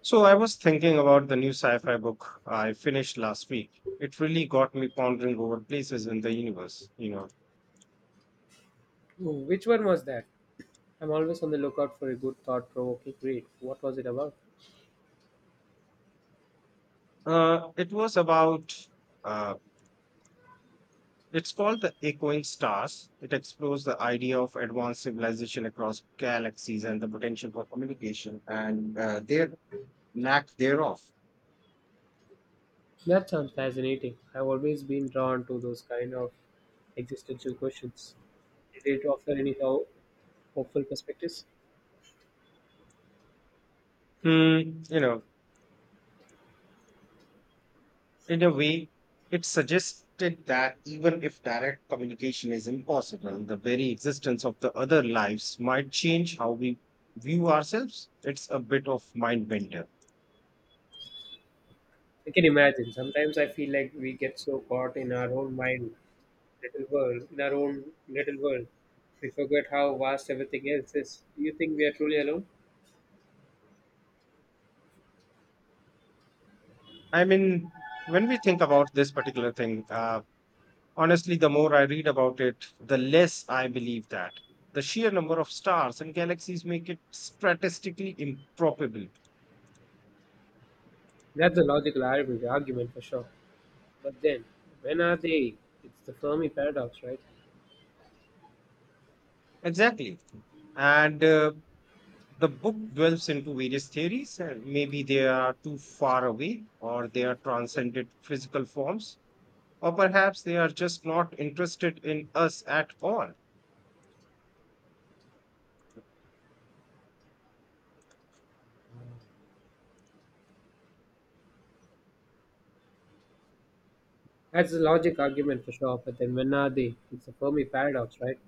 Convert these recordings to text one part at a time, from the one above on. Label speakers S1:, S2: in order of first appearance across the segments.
S1: So I was thinking about the new sci-fi book I finished last week. It really got me pondering over places in the universe. You know.
S2: Oh, which one was that? I'm always on the lookout for a good thought provoking read. What was it about?
S1: It was about uh, it's called The Echoing Stars. It explores the idea of advanced civilization across galaxies and the potential for communication and their lack thereof.
S2: That sounds fascinating. I've always been drawn to those kind of existential questions. Did it offer any hopeful perspectives?
S1: Hmm, you know, In a way, it suggested that even if direct communication is impossible, the very existence of the other lives might change how we view ourselves. It's a bit of mind bender.
S2: I can imagine. Sometimes I feel like we get so caught in our own mind, little world, in our own little world. We forget how vast everything else is. Do you think we are truly alone?
S1: I mean, when we think about this particular thing, honestly, the more I read about it, the less I believe that. The sheer number of stars and galaxies make it statistically improbable.
S2: That's a logical argument for sure. But then, when are they? It's the Fermi paradox, right?
S1: Exactly. And The book delves into various theories, and maybe they are too far away, or they are transcended physical forms, or perhaps they are just not interested in us at all.
S2: That's the logic argument for sure, but then when are they? It's a Fermi paradox, right?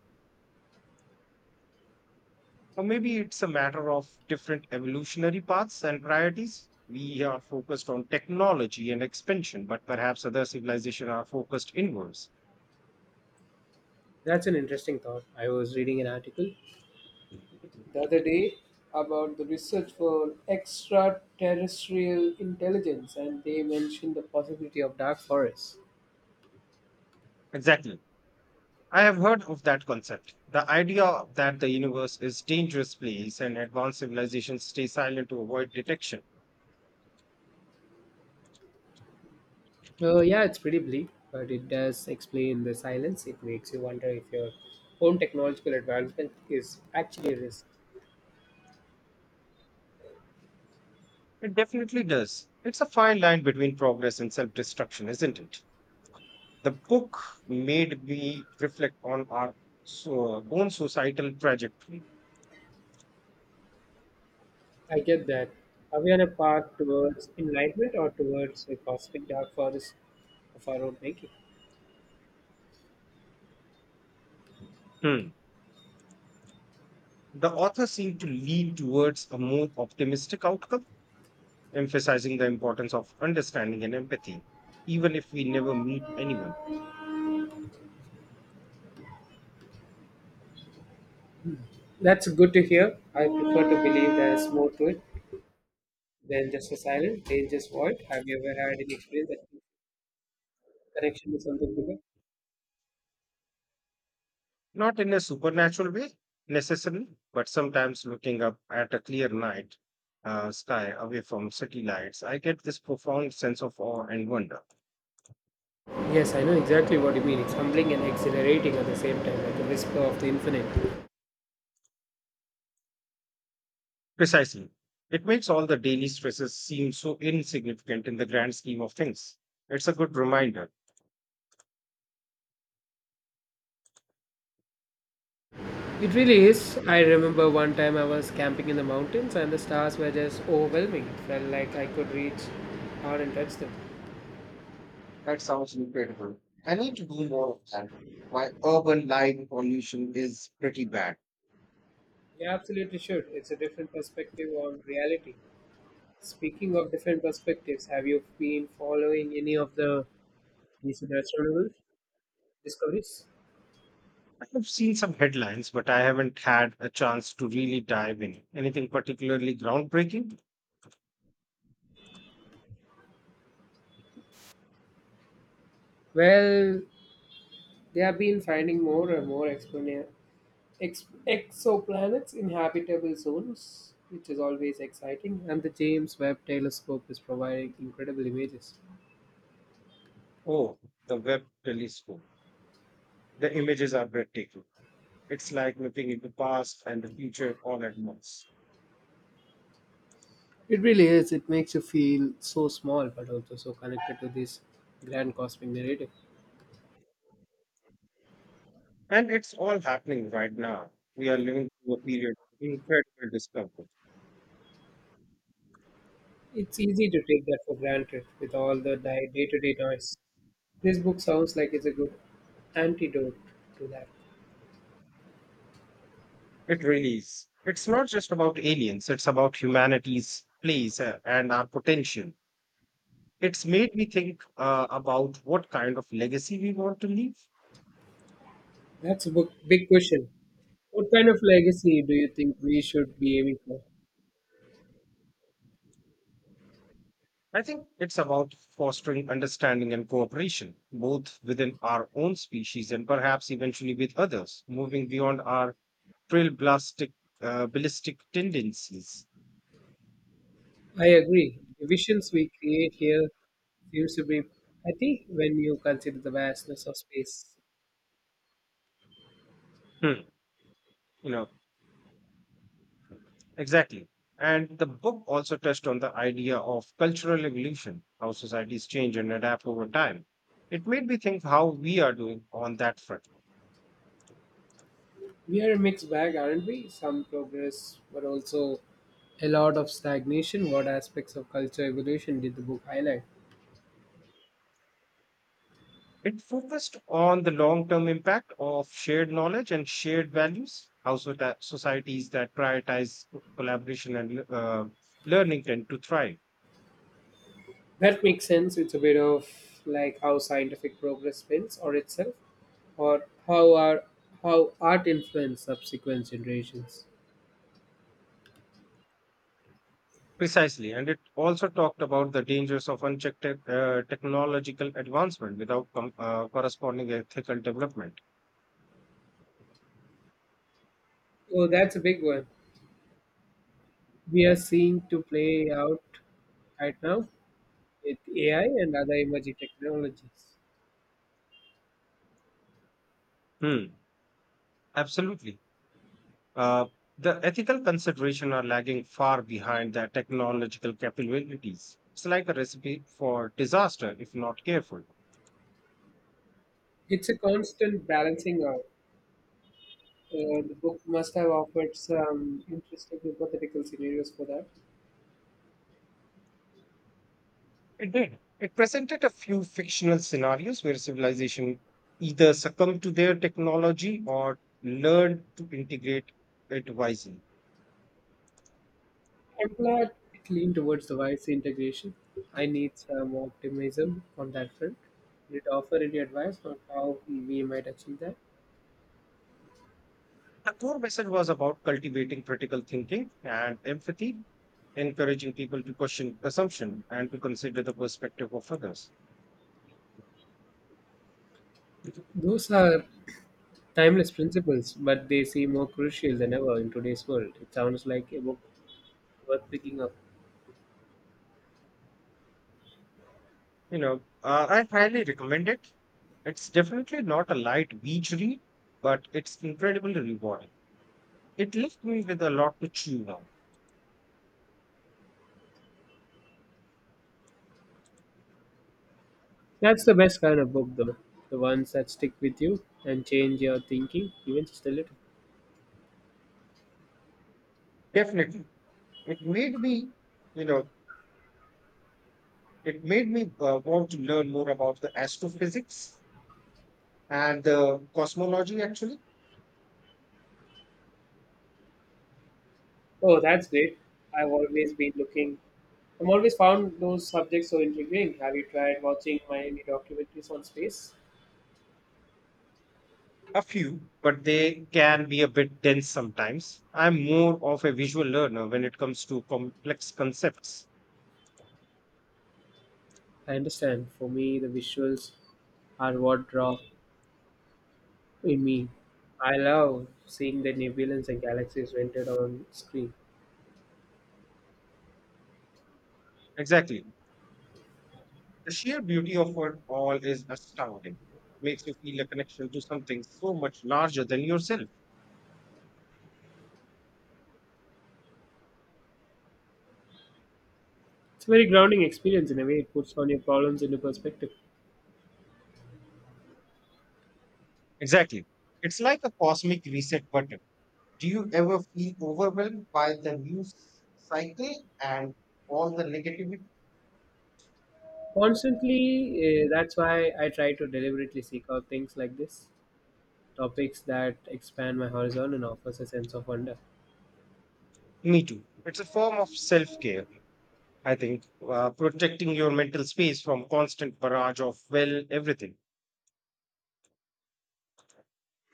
S1: Or maybe it's a matter of different evolutionary paths and priorities. We are focused on technology and expansion, but perhaps other civilizations are focused inwards.
S2: That's an interesting thought. I was reading an article the other day about the research for extraterrestrial intelligence, and they mentioned the possibility of dark forests.
S1: Exactly. I have heard of that concept. The idea that the universe is dangerous place and advanced civilizations stay silent to avoid detection.
S2: So, yeah, it's pretty bleak, but it does explain the silence. It makes you wonder if your own technological advancement is actually a risk.
S1: It definitely does. It's a fine line between progress and self destruction, isn't it? The book made me reflect on our own societal trajectory.
S2: I get that. Are we on a path towards enlightenment or towards a cosmic dark forest of our own making?
S1: Hmm. The author seemed to lean towards a more optimistic outcome, emphasizing the importance of understanding and empathy, even if we never meet anyone.
S2: That's good to hear. I prefer to believe there's more to it than just a silent, dangerous void. Have you ever had an experience that you connection to something bigger?
S1: Not in a supernatural way, necessarily, but sometimes looking up at a clear night sky away from city lights, I get this profound sense of awe and wonder.
S2: Yes, I know exactly what you mean. It's humbling and exhilarating at the same time, like a whisper of the infinite.
S1: Precisely. It makes all the daily stresses seem so insignificant in the grand scheme of things. It's a good reminder.
S2: It really is. I remember one time I was camping in the mountains and the stars were just overwhelming. It felt like I could reach out and touch them.
S1: That sounds incredible. I need to do more of that. My urban light pollution is pretty bad.
S2: You absolutely should. It's a different perspective on reality. Speaking of different perspectives, have you been following any of these natural discoveries?
S1: I've seen some headlines, but I haven't had a chance to really dive in. Anything particularly groundbreaking?
S2: Well, they have been finding more and more exoplanets in habitable zones, which is always exciting. And the James Webb Telescope is providing incredible images.
S1: Oh, the Webb telescope. The images are breathtaking. It's like looking into past and the future all at once.
S2: It really is. It makes you feel so small, but also so connected to this grand cosmic narrative.
S1: And it's all happening right now. We are living through a period of incredible discomfort.
S2: It's easy to take that for granted with all the day to day noise. This book sounds like it's a good antidote to that.
S1: It really is. It's not just about aliens, it's about humanity's place and our potential. It's made me think about what kind of legacy we want to leave.
S2: That's a book, big question. What kind of legacy do you think we should be aiming for?
S1: I think it's about fostering understanding and cooperation, both within our own species and perhaps eventually with others, moving beyond our trailblastic, ballistic tendencies.
S2: I agree. The visions we create here seems to be petty when you consider the vastness of space.
S1: Hmm. You know, Exactly. And the book also touched on the idea of cultural evolution, how societies change and adapt over time. It made me think how we are doing on that front.
S2: We are a mixed bag, aren't we? Some progress, but also a lot of stagnation. What aspects of culture evolution did the book highlight?
S1: It focused on the long term impact of shared knowledge and shared values, how so that societies that prioritize collaboration and learning tend to thrive.
S2: That makes sense. It's a bit of like how scientific progress spins on itself, or how art influenced subsequent generations.
S1: Precisely. And it also talked about the dangers of unchecked technological advancement without corresponding ethical development.
S2: Oh, that's a big one. We are seeing to play out right now with AI and other emerging technologies.
S1: Hmm. Absolutely. Uh, the ethical consideration are lagging far behind their technological capabilities. It's like a recipe for disaster if not careful.
S2: It's a constant balancing out. The book must have offered some interesting hypothetical scenarios for that.
S1: It did. It presented a few fictional scenarios where civilization either succumbed to their technology or learned to integrate it wisely.
S2: I'm glad it leaned towards the wise integration. I need some optimism on that front. Did it offer any advice on how we might achieve that?
S1: The core message was about cultivating critical thinking and empathy, encouraging people to question assumption and to consider the perspective of others.
S2: Those are timeless principles, but they seem more crucial than ever in today's world. It sounds like a book worth picking up.
S1: I highly recommend it. It's definitely not a light beach read, but it's incredibly rewarding. It left me with a lot to chew on.
S2: That's the best kind of book, though. The ones that stick with you and change your thinking, even just a little.
S1: Definitely. It made me, you know, it made me want to learn more about the astrophysics and the cosmology, actually.
S2: Oh, that's great. I've always been looking. I've always found those subjects so intriguing. Have you tried watching my any documentaries on space?
S1: A few, but they can be a bit dense sometimes. I'm more of a visual learner when it comes to complex concepts.
S2: I understand. For me, the visuals are what draw in me. I love seeing the nebulous and galaxies rendered on screen.
S1: Exactly. The sheer beauty of it all is astounding. Makes you feel a connection to something so much larger than yourself.
S2: It's a very grounding experience in a way. It puts on your problems into perspective.
S1: Exactly. It's like a cosmic reset button. Do you ever feel overwhelmed by the news cycle and all the negativity?
S2: Constantly, that's why I try to deliberately seek out things like this, topics that expand my horizon and offers a sense of wonder.
S1: Me too. It's a form of self care, I think, protecting your mental space from constant barrage of, well, everything.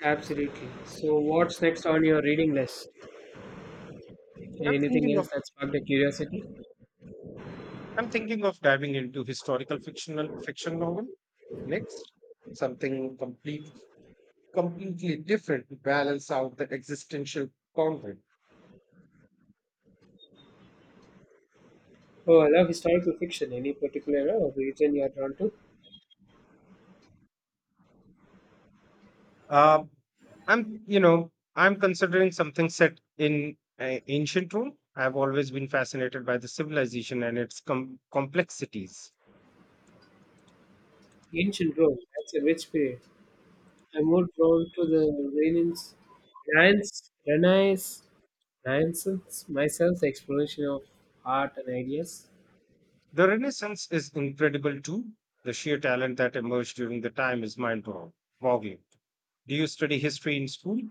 S2: Absolutely. So, what's next on your reading list?
S1: I'm
S2: Anything
S1: thinking of
S2: else that sparked a curiosity?
S1: I'm thinking of diving into historical fiction novel next, something completely different to balance out the existential conflict.
S2: Oh, I love historical fiction. Any particular era or region you're drawn to?
S1: Uh, I'm considering something set in ancient Rome. I've always been fascinated by the civilization and its complexities.
S2: Ancient Rome. That's a rich period. I'm more drawn to the Renaissance, Renaissance myself, the exploration of art and ideas.
S1: The Renaissance is incredible too. The sheer talent that emerged during the time is mind-boggling. Do you study history in school?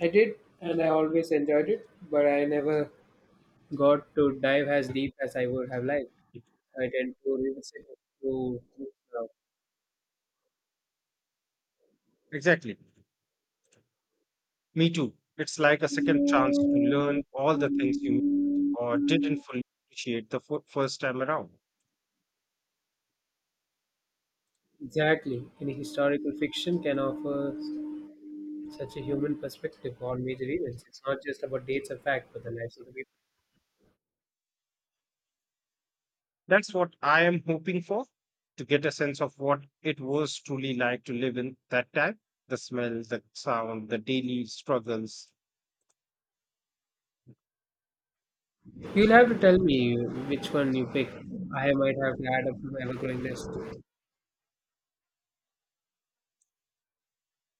S2: I did, and I always enjoyed it, but I never got to dive as deep as I would have liked. I tend to revisit it to now.
S1: Exactly. Me too. It's like a second chance to learn all the things you or didn't fully appreciate the first time around.
S2: Exactly. Any historical fiction can offer such a human perspective on major events. It's not just about dates and facts, but the lives of the people.
S1: That's what I am hoping for to get a sense of what it was truly like to live in that time. The smell, the sound, the daily struggles,
S2: You'll have to tell me which one you pick. I might have to add up to my ever-growing list.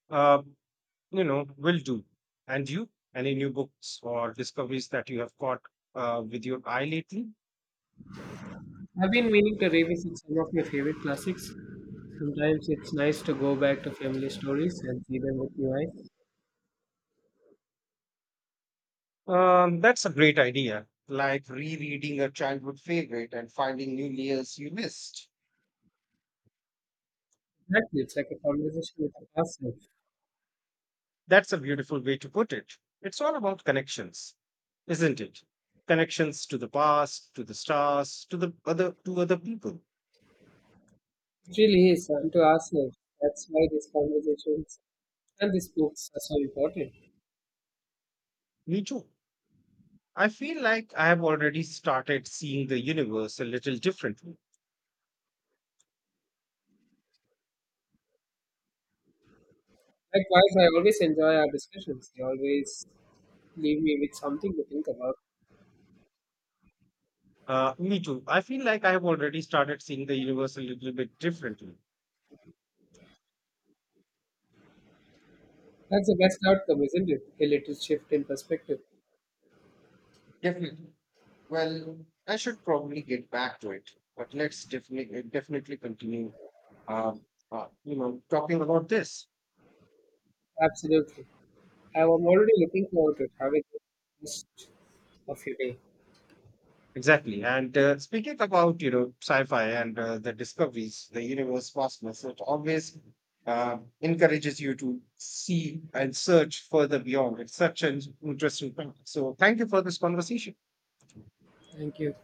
S1: uh, will do. And you, any new books or discoveries that you have caught with your eye lately?
S2: I've been meaning to revisit some of my favorite classics. Sometimes it's nice to go back to family stories and see them with new eyes.
S1: That's a great idea. Like rereading a childhood favorite and finding new layers you missed.
S2: Exactly. It's like a conversation with ourselves.
S1: That's a beautiful way to put it. It's all about connections, isn't it? Connections to the past, to the stars, to the other to other people.
S2: It really is unto ourselves. That's why these conversations and these books are so important.
S1: Me too. I feel like I have already started seeing the universe a little differently.
S2: Likewise, I always enjoy our discussions. They always leave me with something to think about.
S1: Me too. I feel like I have already started seeing the universe a little bit differently.
S2: That's the best outcome, isn't it? A little shift in perspective.
S1: Definitely. Well, I should probably get back to it, but let's definitely continue. Um, talking about this.
S2: Absolutely. I am already looking forward to having the rest of your day.
S1: Exactly. And speaking about sci-fi and the discoveries, the universe vastness, it always encourages you to see and search further beyond. It's such an interesting topic. So thank you for this conversation.
S2: Thank you.